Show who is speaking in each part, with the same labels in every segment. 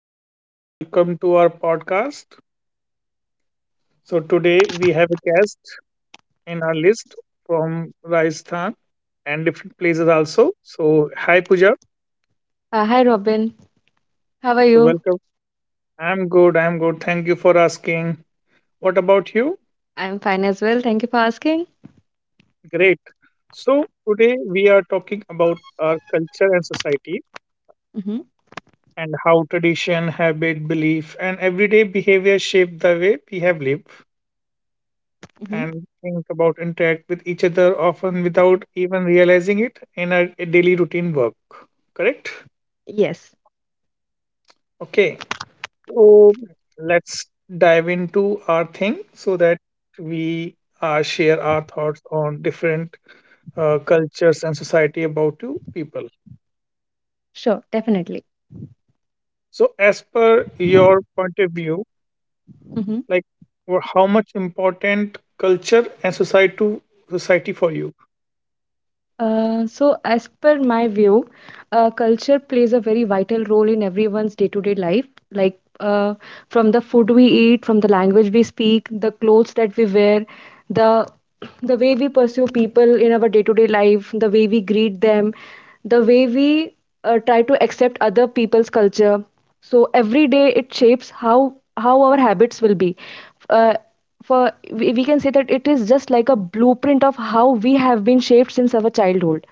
Speaker 1: everyone, welcome to our podcast. So, today we have a guest in our list from Rajasthan and different places also. So, hi Pooja.
Speaker 2: Hi, Robin. How are you?
Speaker 1: So, welcome. I'm good. I'm good. Thank you for asking. What about you?
Speaker 2: I'm fine as well. Thank you for asking.
Speaker 1: Great. So, today we are talking about our culture and society
Speaker 2: Mm-hmm.
Speaker 1: and how tradition, habit, belief, and everyday behavior shape the way we have lived
Speaker 2: Mm-hmm.
Speaker 1: and think about interact with each other often without even realizing it in our daily routine work correct.
Speaker 2: Yes,
Speaker 1: Okay, so let's dive into our thing so that we share our thoughts on different cultures and society about two people.
Speaker 2: sure, definitely.
Speaker 1: So as per your point of view,
Speaker 2: Mm-hmm.
Speaker 1: like how much important culture and society to society for you?
Speaker 2: So, as per my view, culture plays a very vital role in everyone's day-to-day life. Like, from the food we eat, from the language we speak, the clothes that we wear, the the way we pursue people in our day-to-day life, the way we greet them, the way we try to accept other people's culture. So every day it shapes how our habits will be. Uh, for we can say that it is just like a blueprint of how we have been shaped since our childhood.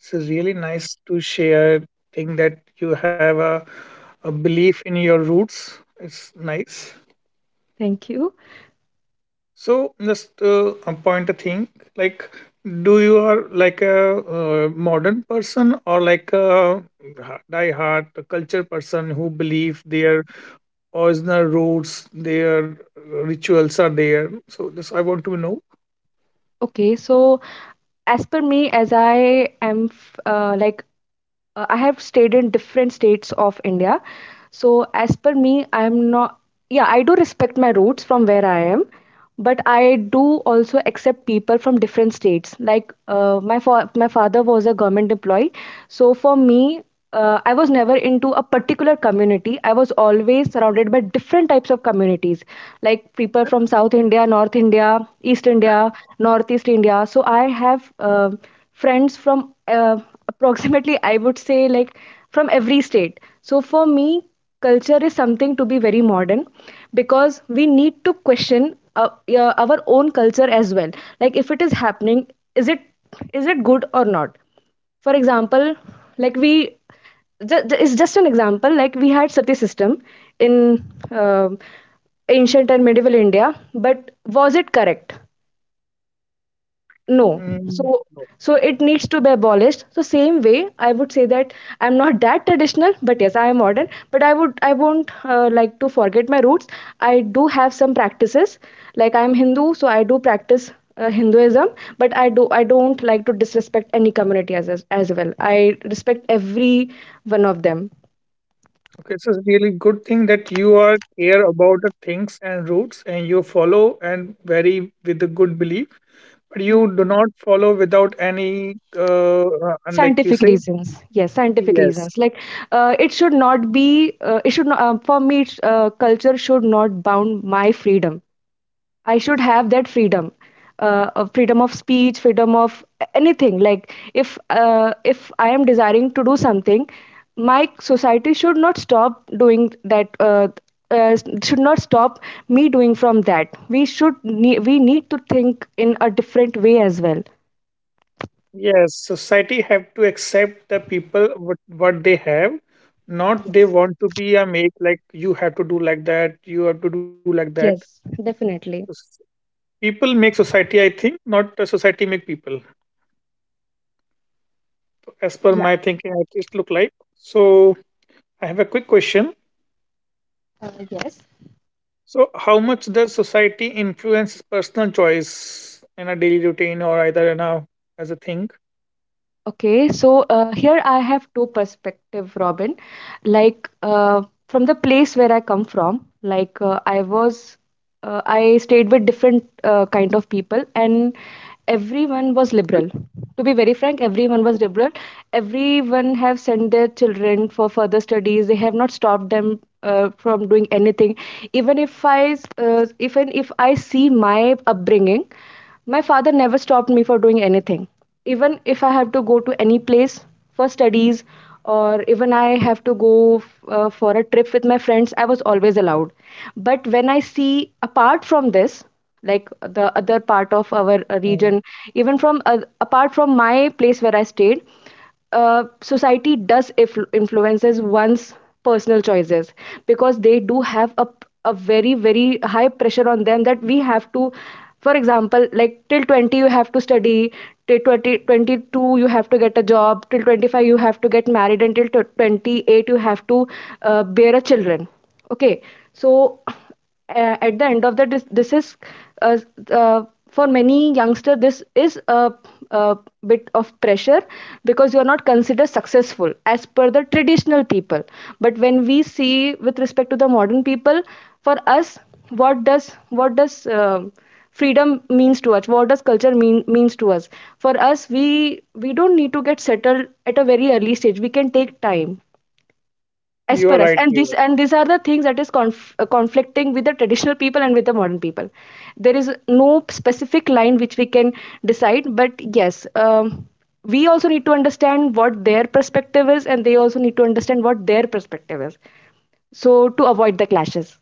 Speaker 1: It's really nice to share thing that you have a belief in your roots. It's nice.
Speaker 2: Thank you.
Speaker 1: So just a point a thing, like do you are like a modern person or like a die hard culture person who believe their original roots, their rituals are there. So this I want to know.
Speaker 2: Okay, so as per me, as I am f- like I have stayed in different states of India. So, as per me, I'm not, yeah, I do respect my roots from where I am, but I do also accept people from different states. Like, my father was a government employee. So, for me, I was never into a particular community. I was always surrounded by different types of communities, like people from South India, North India, East India, Northeast India. So, I have, friends from uh, approximately, I would say, like from every state. So for me culture is something to be very modern, because we need to question, yeah, our own culture as well. Like if it is happening, is it is it good or not? For example, like we it's just an example, like we had sati system in um ancient and medieval India. But was it correct? No.
Speaker 1: Mm.
Speaker 2: So so it needs to be abolished. So same way, I would say that I'm not that traditional, but yes, I am modern. But I won't like to forget my roots. I do have some practices, like I'm Hindu, so I do practice Hinduism. But I don't like to disrespect any community as well. I respect every one of them.
Speaker 1: Okay, so it's really good thing that you are care about the things and roots and you follow and very with a good belief, but you do not follow without any and like you
Speaker 2: Scientific
Speaker 1: say,
Speaker 2: reasons. Yes, scientific
Speaker 1: yes,
Speaker 2: reasons, like it should not be it should not for me culture should not bound my freedom. I should have that freedom, of freedom of speech, freedom of anything. Like if I am desiring to do something, my society should not stop doing that. Uh, should not stop me doing from that. We need to think in a different way as well.
Speaker 1: yes. Society have to accept the people what they have, not they
Speaker 2: Yes.
Speaker 1: want to be a make like you have to do like that, you have to do like that.
Speaker 2: Yes,
Speaker 1: So
Speaker 2: definitely.
Speaker 1: s- People make society, I think, not society make people. As per
Speaker 2: Yeah.
Speaker 1: my thinking, it just look like. So I have a quick question.
Speaker 2: Yes.
Speaker 1: So, how much does society influence personal choice in a daily routine or either in a as a thing?
Speaker 2: Okay, so here I have two perspective, Robin. Like from the place where I come from, like I stayed with different kind of people, and everyone was liberal. To be very frank, everyone was liberal. Everyone have sent their children for further studies. They have not stopped them from doing anything. Even if I see my upbringing, my father never stopped me for doing anything, even if I have to go to any place for studies, or even I have to go for a trip with my friends, I was always allowed. But when I see apart from this, like the other part of our
Speaker 1: Mm.
Speaker 2: region, even from, apart from my place where I stayed, society does if influences one's personal choices, because they do have a very very high pressure on them, that we have to, for example, like till 20 you have to study, till 20 22 you have to get a job, till 25 you have to get married, and till 28 you have to bear a children. Okay, so at the end of the this is, uh, uh, for many youngster this is a bit of pressure, because you are not considered successful as per the traditional people. But when we see with respect to the modern people, for us, what does freedom means to us, what does culture mean means to us? For us, we don't need to get settled at a very early stage, we can take time as
Speaker 1: You
Speaker 2: per
Speaker 1: are
Speaker 2: us.
Speaker 1: right
Speaker 2: And this
Speaker 1: here.
Speaker 2: and these are the things that is conflicting with the traditional people and with the modern people. There is no specific line which we can decide, but yes, we also need to understand what their perspective is, and they also need to understand what their perspective is, so to avoid the clashes.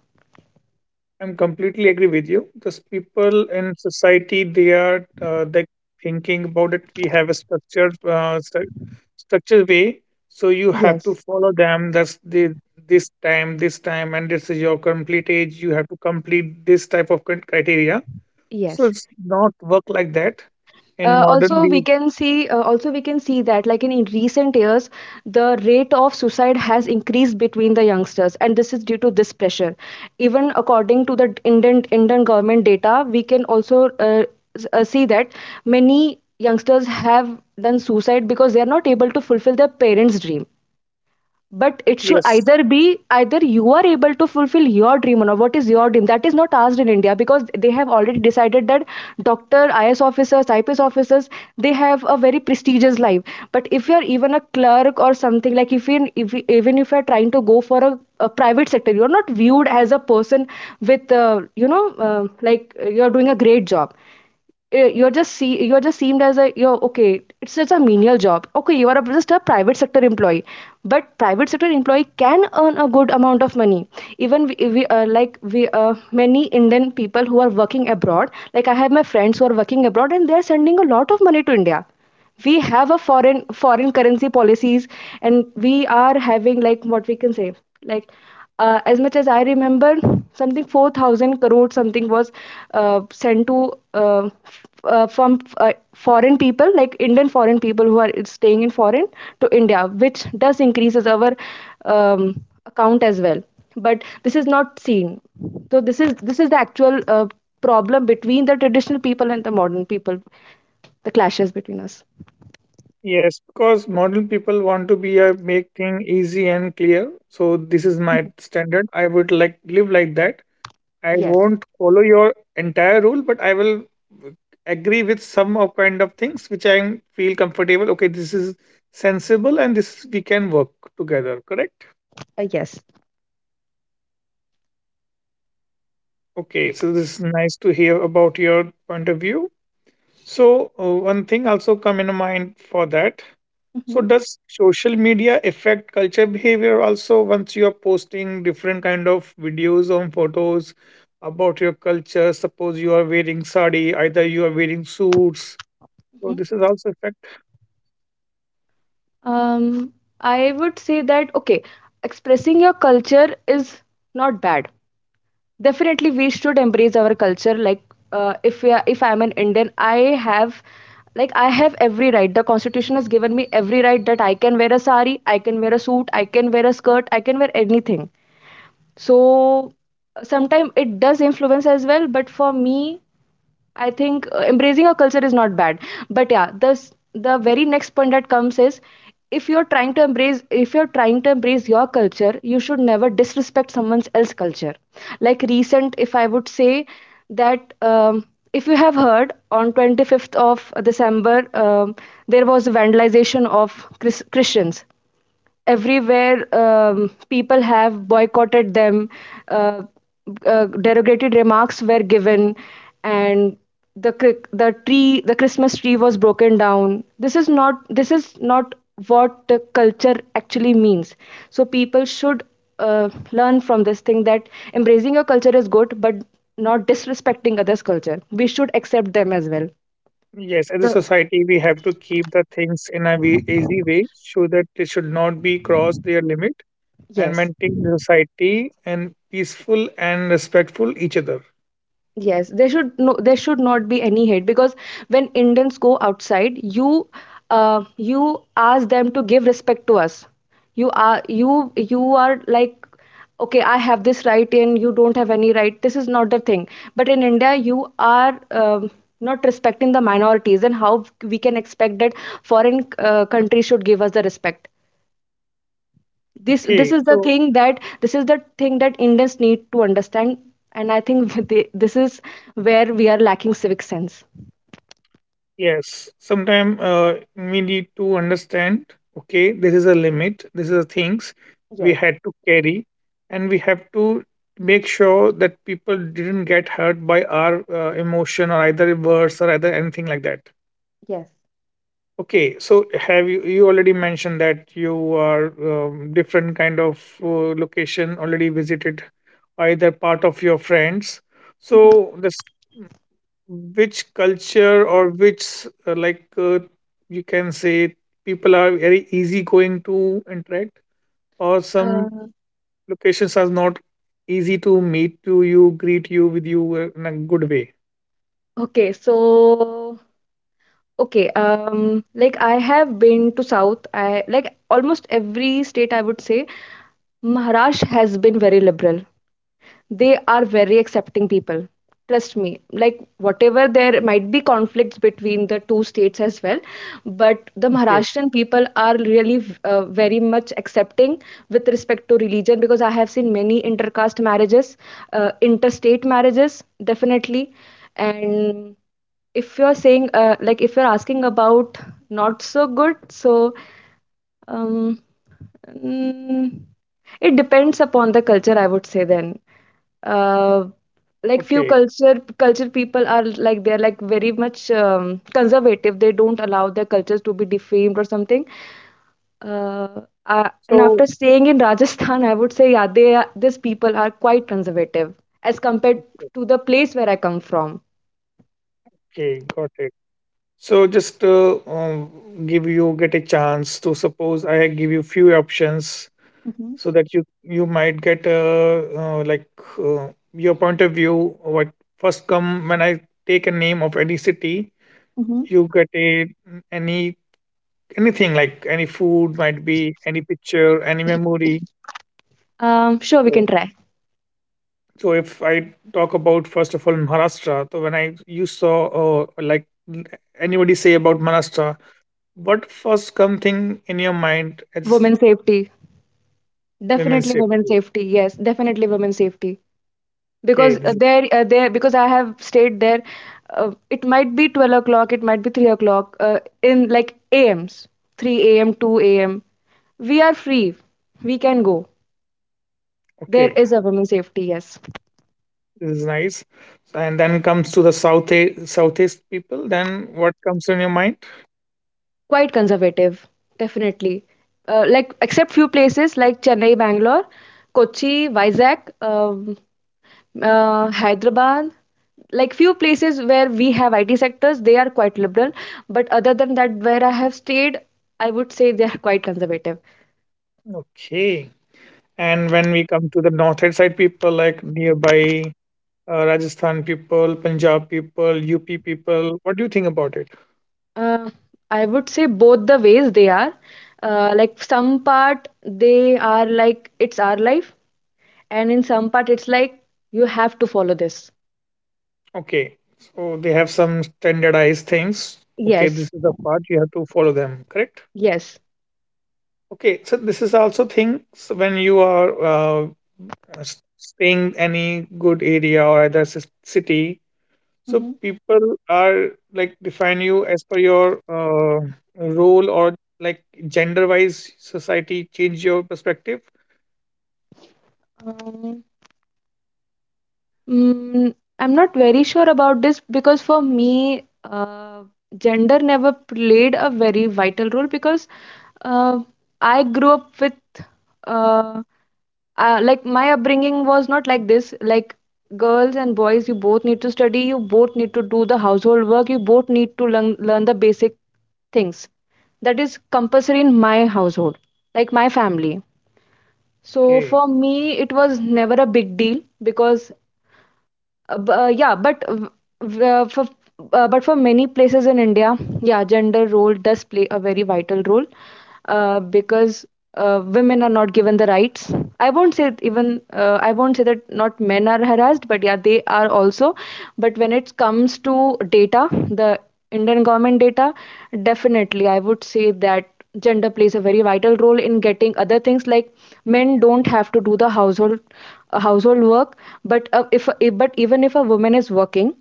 Speaker 1: I'm completely agree with you. Those people in society, they are they thinking about it. We have a structured structured way, so you have to
Speaker 2: Yes.
Speaker 1: follow them. That's the this time, and this is your complete age. You have to complete this type of criteria. So
Speaker 2: Yes,
Speaker 1: it's not work like that in modern day.
Speaker 2: also we can see that like in recent years the rate of suicide has increased between the youngsters, and this is due to this pressure. Even according to the Indian government data, we can also see that many youngsters have done suicide because they are not able to fulfill their parents dream. But it should
Speaker 1: Yes,
Speaker 2: either be, either you are able to fulfill your dream or not. What is your dream, that is not asked in India, because they have already decided that doctor, is officers, IPS officers, they have a very prestigious life. But if you are even a clerk or something, like if, you- even if you are trying to go for a private sector, you are not viewed as a person with, you are doing a great job. You're just seemed as a, you're okay. It's just a menial job, okay, you are a, just a private sector employee. But private sector employee can earn a good amount of money. Even we like we many Indian people who are working abroad, like I have my friends who are working abroad, and they are sending a lot of money to India. We have a foreign currency policies, and we are having, like, what we can say, like, as much as I remember, something 4,000 crore something was sent to, uh, f- from, uh, foreign people, like Indian foreign people who are staying in foreign, to India, which does increases our um, account as well. But this is not seen. So this is the actual problem between the traditional people and the modern people, the clashes between us.
Speaker 1: yes, because modern people want to be a make thing easy and clear. So this is my standard. I would like live like that. I
Speaker 2: Yes.
Speaker 1: won't follow your entire rule, but I will agree with some of kind of things which I feel comfortable. Okay, this is sensible and this we can work together. Correct?
Speaker 2: Yes.
Speaker 1: Okay, so this is nice to hear about your point of view. So one thing also come in mind for that. So
Speaker 2: Hmm.
Speaker 1: does social media affect culture behavior also once you are posting different kind of videos or photos about your culture? Suppose you are wearing sari, either you are wearing suits. So
Speaker 2: Hmm.
Speaker 1: this is also effect.
Speaker 2: Um, I would say that, okay, expressing your culture is not bad. Definitely, we should embrace our culture. Like, if we are, if I'm an Indian, have, like, I have every right. The Constitution has given me every right that I can wear a sari, I can wear a suit, I can wear a skirt, I can wear anything. So, sometimes it does influence as well. But for me, I think embracing a culture is not bad. But yeah, this the very next point that comes is, if you're trying to embrace if you're trying to embrace your culture, you should never disrespect someone else's culture. Like recent, if I would say that, if you have heard on 25th of December, there was vandalization of Christians everywhere, people have boycotted them, uh, derogatory remarks were given, and the Christmas tree was broken down. This is not what the culture actually means. So people should learn from this thing that embracing your culture is good, but not disrespecting others culture, we should accept them as well.
Speaker 1: Yes, as a
Speaker 2: The
Speaker 1: society, we have to keep the things in a way, easy way, so that they should not be cross their limit and
Speaker 2: Yes.
Speaker 1: maintain the society and peaceful and respectful each other.
Speaker 2: Yes, there should not be any hate, because when Indians go outside, you ask them to give respect to us. You are like, okay, I have this right and you don't have any right. This is not the thing. But in India, you are, not respecting the minorities, and how we can expect that foreign countries should give us the respect.
Speaker 1: Okay, so
Speaker 2: This is the thing that Indians need to understand. And I think this is where we are lacking civic sense.
Speaker 1: yes, sometimes we need to understand okay, this is a limit, these are things we
Speaker 2: Yes.
Speaker 1: had to carry, and we have to make sure that people didn't get hurt by our emotion or either words or either anything like that.
Speaker 2: Yes.
Speaker 1: Okay, so have you you already mentioned that you are different kind of location already visited by the part of your friends.
Speaker 2: Mhm.
Speaker 1: So this which culture or which uh, like uh, you can say people are very easy going to interact or some
Speaker 2: uh,
Speaker 1: locations are not easy to meet to you greet you with you in a good way.
Speaker 2: okay, so okay, like I have been to south, I like almost every state, I would say. Maharashtra has been very liberal. They are very accepting people, trust me. Like whatever, there might be conflicts between the two states as well, but the
Speaker 1: Okay,
Speaker 2: Maharashtrian people are really very much accepting with respect to religion, because I have seen many intercaste marriages, interstate marriages definitely. And if you're saying like if you're asking about not so good, so, um, mm, it depends upon the culture, I would say then. Uh, like few
Speaker 1: okay,
Speaker 2: culture people are like they're like very much conservative. They don't allow their cultures to be defamed or something. Uh, and
Speaker 1: so
Speaker 2: after staying in Rajasthan, I would say yeah, they are, these people are quite conservative as compared to the place where I come from.
Speaker 1: okay, got it. So just give you get a chance to suppose I give you few options so that you might get your point of view what first come when I take a name of any city.
Speaker 2: Hmm.
Speaker 1: You get a any anything like any food might be any picture any memory.
Speaker 2: Sure, we
Speaker 1: So,
Speaker 2: can try.
Speaker 1: so if I talk about first of all Maharashtra, so when I you saw uh, like n- anybody say about Maharashtra, what first come thing in your mind is
Speaker 2: Women safety.
Speaker 1: women's
Speaker 2: Definitely women
Speaker 1: safety.
Speaker 2: safety. Yes, definitely women safety.
Speaker 1: Okay,
Speaker 2: Because
Speaker 1: this is
Speaker 2: there, because I have stayed there. It might be 12 o'clock. It might be 3 o'clock. In like AMs, three AM, two AM. We are free. We can go. There
Speaker 1: okay.
Speaker 2: is a women's safety. Yes.
Speaker 1: This is nice. And then comes to the south southeast people. Then what comes in your mind?
Speaker 2: Quite conservative, definitely. Like except few places like Chennai, Bangalore, Kochi, Vizag, Hyderabad, like few places where we have IT sectors, they are quite liberal. But other than that, where I have stayed, I would say they are quite conservative.
Speaker 1: Okay. And when we come to the northeast side people, like nearby Rajasthan people, Punjab people, UP people, what do you think about it?
Speaker 2: Uh, I would say both the ways they are. Like some part they are like it's our life, and in some part it's like you have to follow this.
Speaker 1: Okay. So they have some standardized things. Okay,
Speaker 2: Yes,
Speaker 1: this is the part you have to follow them, correct?
Speaker 2: yes.
Speaker 1: Okay, so this is also things when you are staying any good area or either city. So people are like define you as per your role or like gender wise society change your perspective.
Speaker 2: Um, mm, I'm not very sure about this because for me, gender never played a very vital role, because uh, I grew up with uh, like my upbringing was not like this. Like girls and boys, you both need to study, you both need to do the household work, you both need to learn the basic things. That is compulsory in my household, like my family. So
Speaker 1: Okay.
Speaker 2: for me, it was never a big deal, because yeah, but w- w- for but for many places in India, yeah, gender role does play a very vital role, because women are not given the rights. I won't say it, even I won't say that not men are harassed, but yeah, they are also. But when it comes to data, the Indian government data, definitely I would say that gender plays a very vital role in getting other things. Like men don't have to do the household household work, but if but even if a woman is working,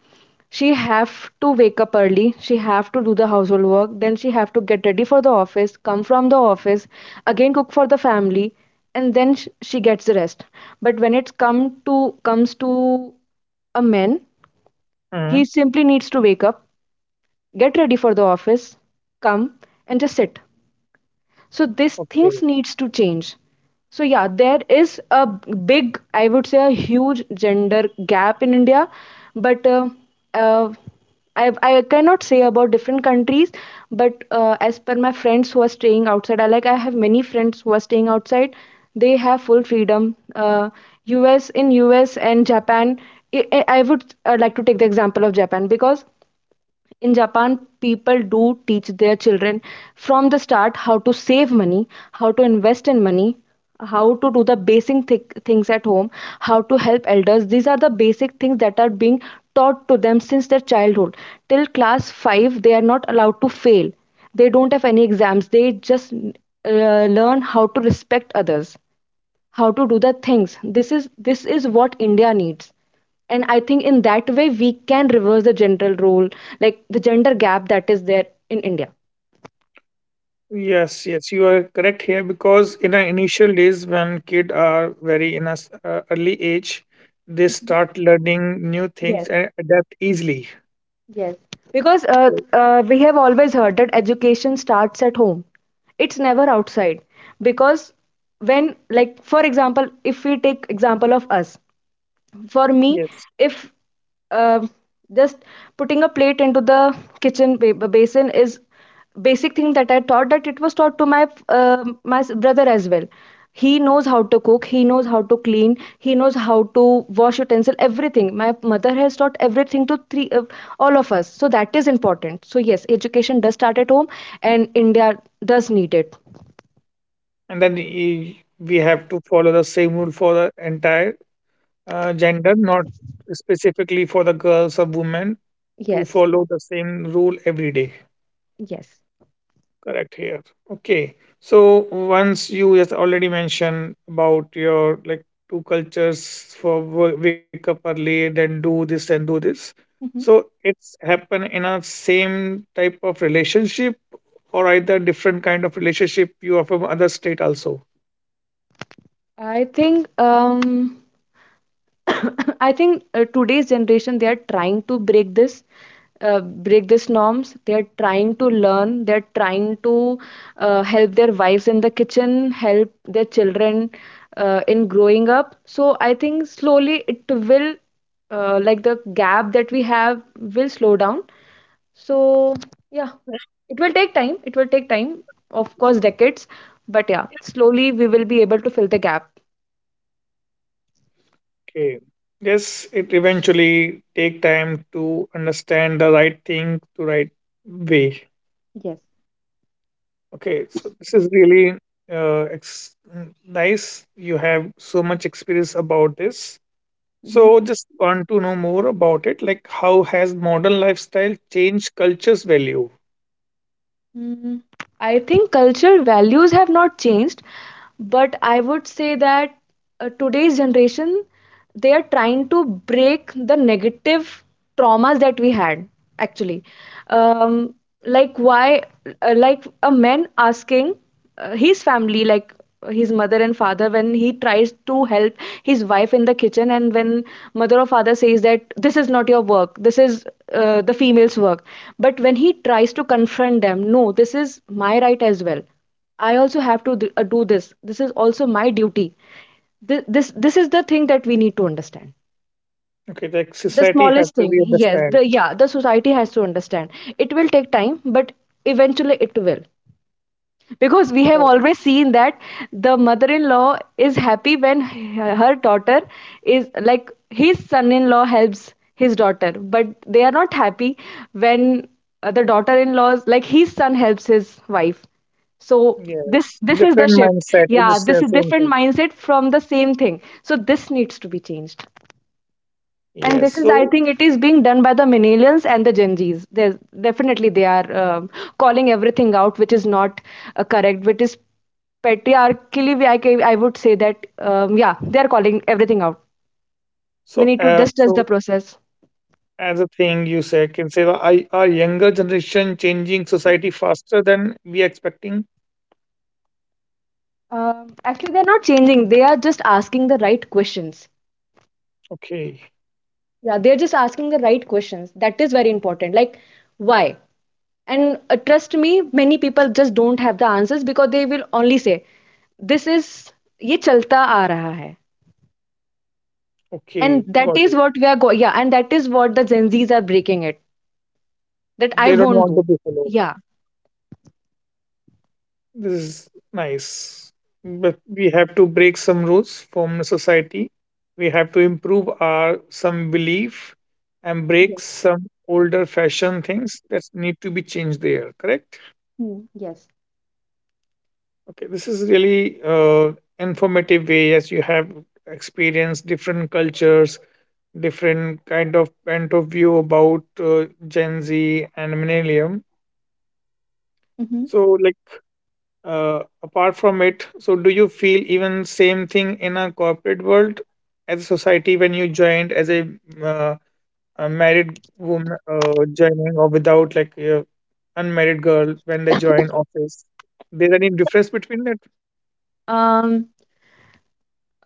Speaker 2: she have to wake up early, she have to do the household work, then she have to get ready for the office, come from the office, again cook for the family, and then she gets the rest. But when it's come to comes to a man,
Speaker 1: Hmm.
Speaker 2: he simply needs to wake up, get ready for the office, come, and just sit. So this things
Speaker 1: Okay.
Speaker 2: needs to change. So yeah, there is a big, I would say a huge gender gap in India. But uh, I cannot say about different countries, but as per my friends who are staying outside, I have many friends who are staying outside. They have full freedom. Us in US and Japan. I would like to take the example of Japan, because in Japan, people do teach their children from the start how to save money, how to invest in money, how to do the basic things at home, how to help elders. These are the basic things that are being taught to them since their childhood. Till class 5, they are not allowed to fail. They don't have any exams. They just learn how to respect others, how to do the things. This is this is what India needs, and I think in that way we can reverse the general role, like the gender gap that is there in India.
Speaker 1: Yes, yes, you are correct here because in our initial days when kids are very in a early age, they start learning new things
Speaker 2: Yes,
Speaker 1: and adapt easily.
Speaker 2: yes, because
Speaker 1: Right.
Speaker 2: we have always heard that education starts at home, it's never outside. Because when, like for example, if we take example of us, for me,
Speaker 1: Yes,
Speaker 2: if uh, just putting a plate into the kitchen basin is basic thing that I taught that it was taught to my brother as well. He knows how to cook, he knows how to clean, he knows how to wash utensil, everything. My mother has taught everything to three all of us. So that is important. So yes, education does start at home, and India does need it.
Speaker 1: and then we have to follow the same rule for the entire gender, not specifically for the girls or women, to
Speaker 2: Yes,
Speaker 1: follow the same rule every day.
Speaker 2: yes.
Speaker 1: Correct here. Okay. So once you just already mentioned about your like two cultures for wake up early, then do this and do this.
Speaker 2: Mhm.
Speaker 1: So it's happen in a same type of relationship or either different kind of relationship you have from other state also.
Speaker 2: I think um, I think today's generation, they are trying to break this, break these norms. They are trying to learn, they are trying to help their wives in the kitchen, help their children in growing up. So I think slowly it will, like the gap that we have will slow down. So yeah, it will take time, it will take time, of course, decades, but yeah, slowly we will be able to fill the gap.
Speaker 1: Okay. Yes, it eventually take time to understand the right thing to right way.
Speaker 2: Yes.
Speaker 1: Okay, so this is really nice. You have so much experience about this.
Speaker 2: Mhm.
Speaker 1: So just want to know more about it. Like, how has modern lifestyle changed culture's value?
Speaker 2: Mm, I think cultural values have not changed, but I would say that today's generation, they are trying to break the negative traumas that we had actually. Um, like why, like a man asking his family, like his mother and father, when he tries to help his wife in the kitchen, and when mother or father says that this is not your work, this is the female's work, but when he tries to confront them, no, this is my right as well, I also have to do this, this is also my duty. This is the thing that we need to understand.
Speaker 1: Okay, like
Speaker 2: The
Speaker 1: society have
Speaker 2: smallest
Speaker 1: to
Speaker 2: thing.
Speaker 1: be
Speaker 2: Yes,
Speaker 1: understand.
Speaker 2: the society has to understand. It will take time, but eventually it will, because we have
Speaker 1: Oh,
Speaker 2: always seen that the mother-in-law is happy when her daughter is like, his son-in-law helps his daughter, but they are not happy when the daughter-in-laws, like his son helps his wife. So this
Speaker 1: yes,
Speaker 2: this is the
Speaker 1: different
Speaker 2: shift.
Speaker 1: mindset.
Speaker 2: Yeah,
Speaker 1: It's the
Speaker 2: this is
Speaker 1: same thing.
Speaker 2: different mindset from the same thing, so this needs to be changed. And
Speaker 1: Yes.
Speaker 2: this is, I
Speaker 1: So
Speaker 2: think, it is being done by the millennials and the Gen Z's. There's, definitely they are um, calling everything out which is not correct, which is patriarchally, I would say that yeah, they are calling everything out. We
Speaker 1: so
Speaker 2: need to
Speaker 1: uh,
Speaker 2: just trust
Speaker 1: so
Speaker 2: the process.
Speaker 1: as a thing you say can say that I, our younger generation changing society faster than we are expecting.
Speaker 2: Um, actually they're not changing, they are just asking the right questions.
Speaker 1: Okay,
Speaker 2: Yeah, they're just asking the right questions, that is very important. Like why. And trust me, many people just don't have the answers, because they will only say this is ye chalta aa raha hai.
Speaker 1: okay,
Speaker 2: And that
Speaker 1: got
Speaker 2: is
Speaker 1: it.
Speaker 2: what we are going, yeah, and that is what the Gen Z's are breaking it, that I
Speaker 1: They don't
Speaker 2: won't
Speaker 1: want to
Speaker 2: do.
Speaker 1: be followed.
Speaker 2: Yeah.
Speaker 1: This is nice, but we have to break some rules from the society. We have to improve our some belief and break
Speaker 2: Yes.
Speaker 1: some older fashion things that need to be changed there, correct.
Speaker 2: Hmm. Yes.
Speaker 1: Okay, this is really informative way as you have experienced different cultures, different kind of point of view about Gen Z and millennium.
Speaker 2: Mm-hmm.
Speaker 1: So, like apart from it, so do you feel even same thing in a corporate world as a society when you joined as uh, a married woman joining or without like a unmarried girl when they join office? There any difference between that?
Speaker 2: Um,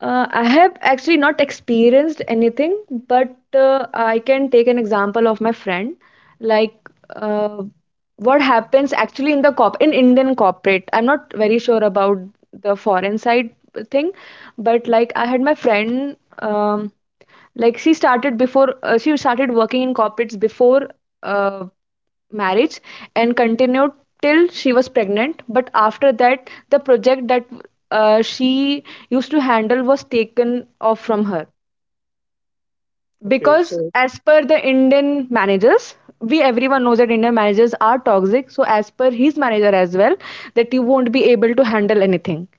Speaker 2: I have actually not experienced anything, but I can take an example of my friend. like uh, what happens actually in the corp in Indian corporate. I'm not very sure about the foreign side thing, but like I had my friend, like she started before, she started working in corporates before uh, marriage and continued till she was pregnant. But after that, the project that she used to handle was taken off from her,
Speaker 1: Okay,
Speaker 2: because
Speaker 1: so
Speaker 2: as per the Indian managers, we everyone knows that Indian managers are toxic. So as per his manager as well, that you won't be able to handle anything.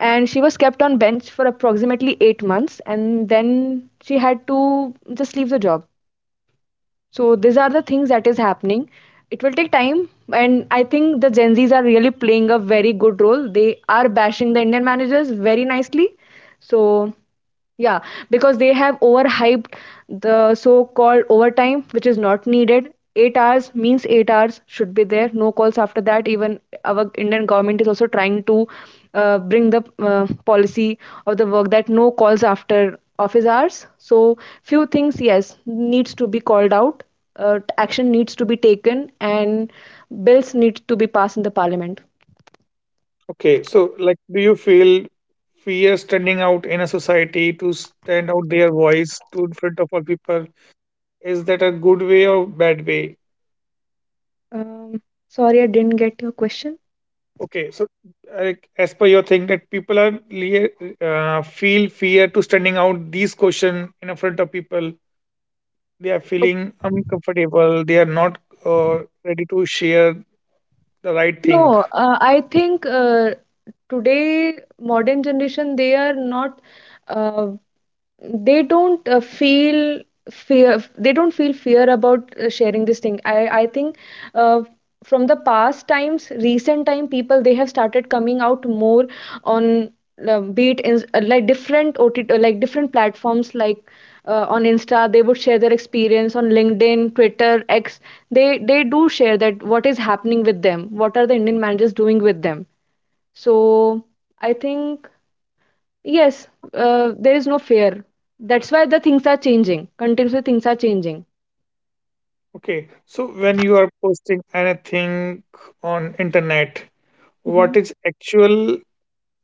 Speaker 2: And she was kept on bench for approximately 8 months, and then she had to just leave the job. So these are the things that is happening. It will take time, and I think the Gen Zs are really playing a very good role. They are bashing the Indian managers very nicely. So yeah, because they have overhyped the so-called overtime, which is not needed. 8 hours means 8 hours should be there, no calls after that. Even our Indian government is also trying to bring the policy of the work that no calls after office hours. So few things, yes, needs to be called out. Action needs to be taken, and bills need to be passed in the parliament.
Speaker 1: okay, so like, do you feel fear standing out in a society to stand out their voice to in front of all people? Is that a good way or bad way?
Speaker 2: Um, sorry, I didn't get your question.
Speaker 1: Okay, so like as per your thing that people are feel fear to standing out these question in front of people. They are feeling uncomfortable. They are not ready to share the right thing.
Speaker 2: No, I think today modern generation they are not uh, they don't feel fear, they don't feel fear about sharing this thing. I think uh, from the past times, recent time, people, they have started coming out more on be it in, like different OTT, like different platforms, like on Insta, they would share their experience on LinkedIn, Twitter, X. They do share that what is happening with them, what are the Indian managers doing with them. So I think, yes, there is no fear. That's why the things are changing. Continuously, things are changing.
Speaker 1: Okay, so when you are posting anything on internet,
Speaker 2: Hmm.
Speaker 1: what is actual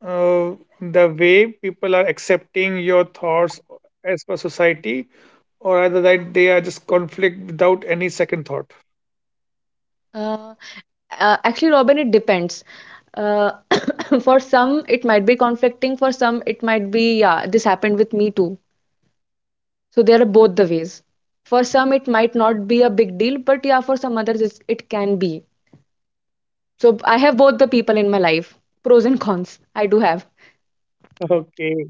Speaker 1: uh, the way people are accepting your thoughts as per society or either that they are just conflict without any second thought.
Speaker 2: Uh, Actually, Robin, it depends. Uh, for some, it might be conflicting. For some, it might be, yeah, this happened with me too. So there are both the ways. For some, it might not be a big deal, but yeah, for some others, it can be. So I have both the people in my life, pros and cons. I do have.
Speaker 1: Okay.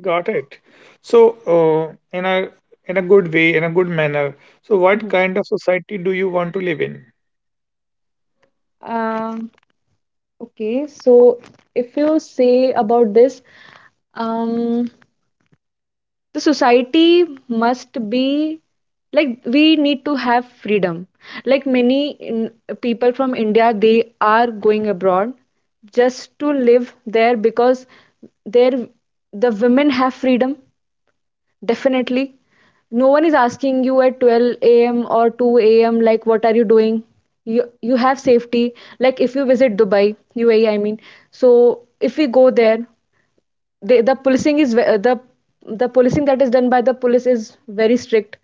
Speaker 1: Got it. So, uh, in a in a good way, in a good manner. So, what
Speaker 2: Hmm.
Speaker 1: kind of society do you want to live in?
Speaker 2: Um, okay, so if you say about this, um, the society must be like, we need to have freedom. Like many in, people from India, they are going abroad just to live there because there the women have freedom. Definitely. No one is asking you at 12 a.m. or 2 a.m. like what are you doing? You have safety. Like if you visit Dubai, UAE, I mean. So if we go there, the the policing is ve- the the policing that is done by the police is very strict.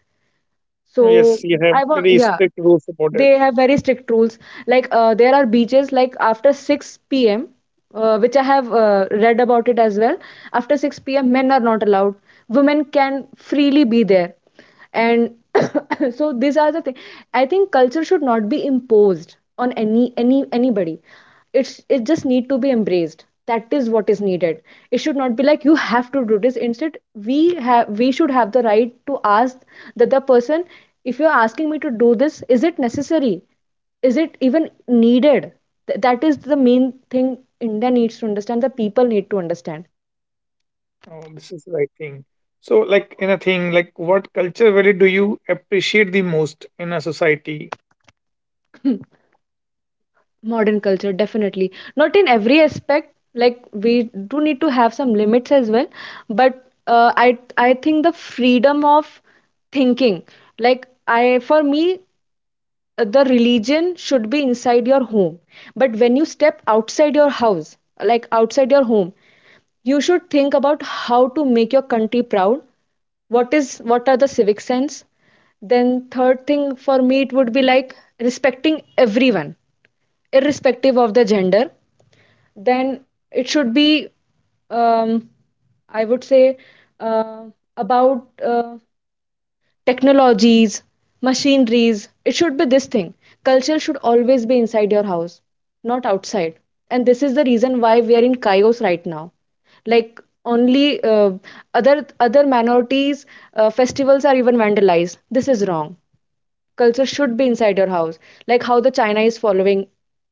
Speaker 1: Oh, yes,
Speaker 2: So
Speaker 1: you have
Speaker 2: I want,
Speaker 1: very
Speaker 2: yeah,
Speaker 1: strict rules about it.
Speaker 2: they have very strict rules. Like there are beaches, like after 6 p.m., which I have read about it as well. After 6 p.m., men are not allowed. Women can freely be there, and so these are the things. I think culture should not be imposed on anybody. It's, it just need to be embraced. That is what is needed. It should not be like you have to do this. Instead, we have we should have the right to ask the other person, if you're asking me to do this, is it necessary, is it even needed. That is the main thing India needs to understand, the people need to understand.
Speaker 1: Oh, this is the right thing. So, like in a thing, like what culture value do you appreciate the most in a society?
Speaker 2: Modern culture, definitely. Not in every aspect, like we do need to have some limits as well, but I think the freedom of thinking, like I for me, the religion should be inside your home, but when you step outside your house, like outside your home, you should think about how to make your country proud. What is, what are the civic sense. Then third thing for me, it would be like respecting everyone irrespective of the gender. Then it should be, um, I would say uh, about technologies, machineries. It should be this thing. Culture should always be inside your house, not outside. And this is the reason why we are in chaos right now. Like only other other minorities festivals are even vandalized. This is wrong. Culture should be inside your house. Like how the China is following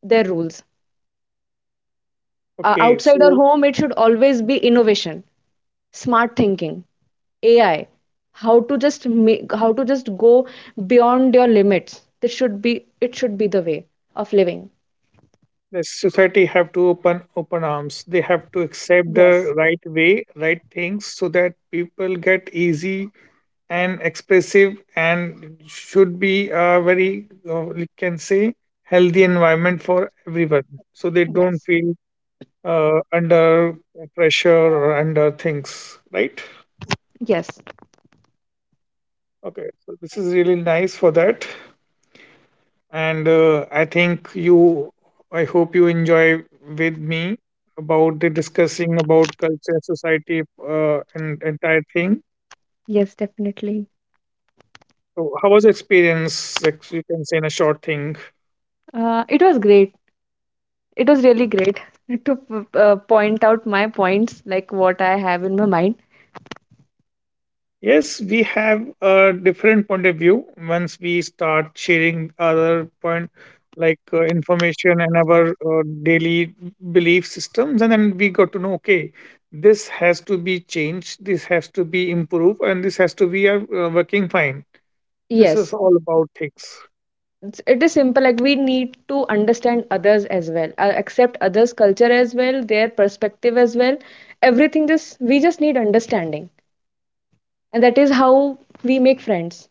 Speaker 2: their rules.
Speaker 1: Okay,
Speaker 2: Outside our
Speaker 1: so
Speaker 2: home, it should always be innovation, smart thinking, AI. How to just make, how to just go beyond your limits. This should be, it should be the way of living.
Speaker 1: the society have to open open arms. They have to accept the
Speaker 2: Yes,
Speaker 1: right way, right things, so that people get easy and expressive and should be a very we can say healthy environment for everyone so they don't
Speaker 2: yes.
Speaker 1: feel under pressure or under things, right?
Speaker 2: Yes,
Speaker 1: Okay, so this is really nice for that. And I think you I hope you enjoy with me about the discussing about culture society and entire thing.
Speaker 2: yes, definitely.
Speaker 1: So how was the experience, like you can say in a short thing?
Speaker 2: It was great, it was really great to point out my points, like what I have in my mind.
Speaker 1: Yes, we have a different point of view once we start sharing other point like information and our daily belief systems, and then we got to know okay, this has to be changed, this has to be improved, and this has to be working fine. This is
Speaker 2: Yes,
Speaker 1: all about things.
Speaker 2: it's- it is simple, like we need to understand others as well, accept others culture as well, their perspective as well. Everything, just we just need understanding, and that is how we make friends.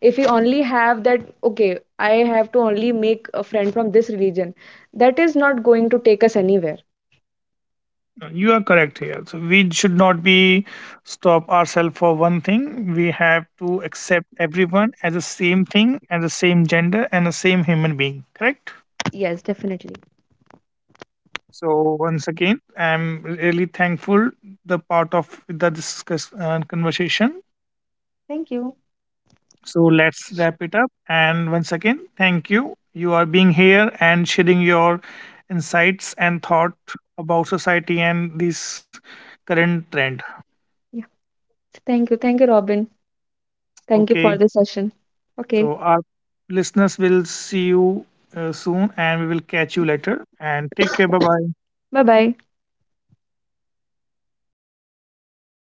Speaker 2: If we only have that, okay, I have to only make a friend from this religion, that is not going to take us anywhere.
Speaker 1: You are correct here. So we should not be stop ourselves for one thing. We have to accept everyone as the same thing, as the same gender, and the same human being. Correct.
Speaker 2: Yes, definitely.
Speaker 1: So once again, I'm really thankful the part of the conversation.
Speaker 2: Thank you.
Speaker 1: So let's wrap it up. And once again, thank you. You are being here and sharing your insights and thought about society and this current trend.
Speaker 2: Yeah, thank you, thank you, Robin. Thank you for
Speaker 1: Okay.
Speaker 2: the session. Okay,
Speaker 1: So our listeners will see you soon, and we will catch you later. And take care. Bye bye.
Speaker 2: bye bye.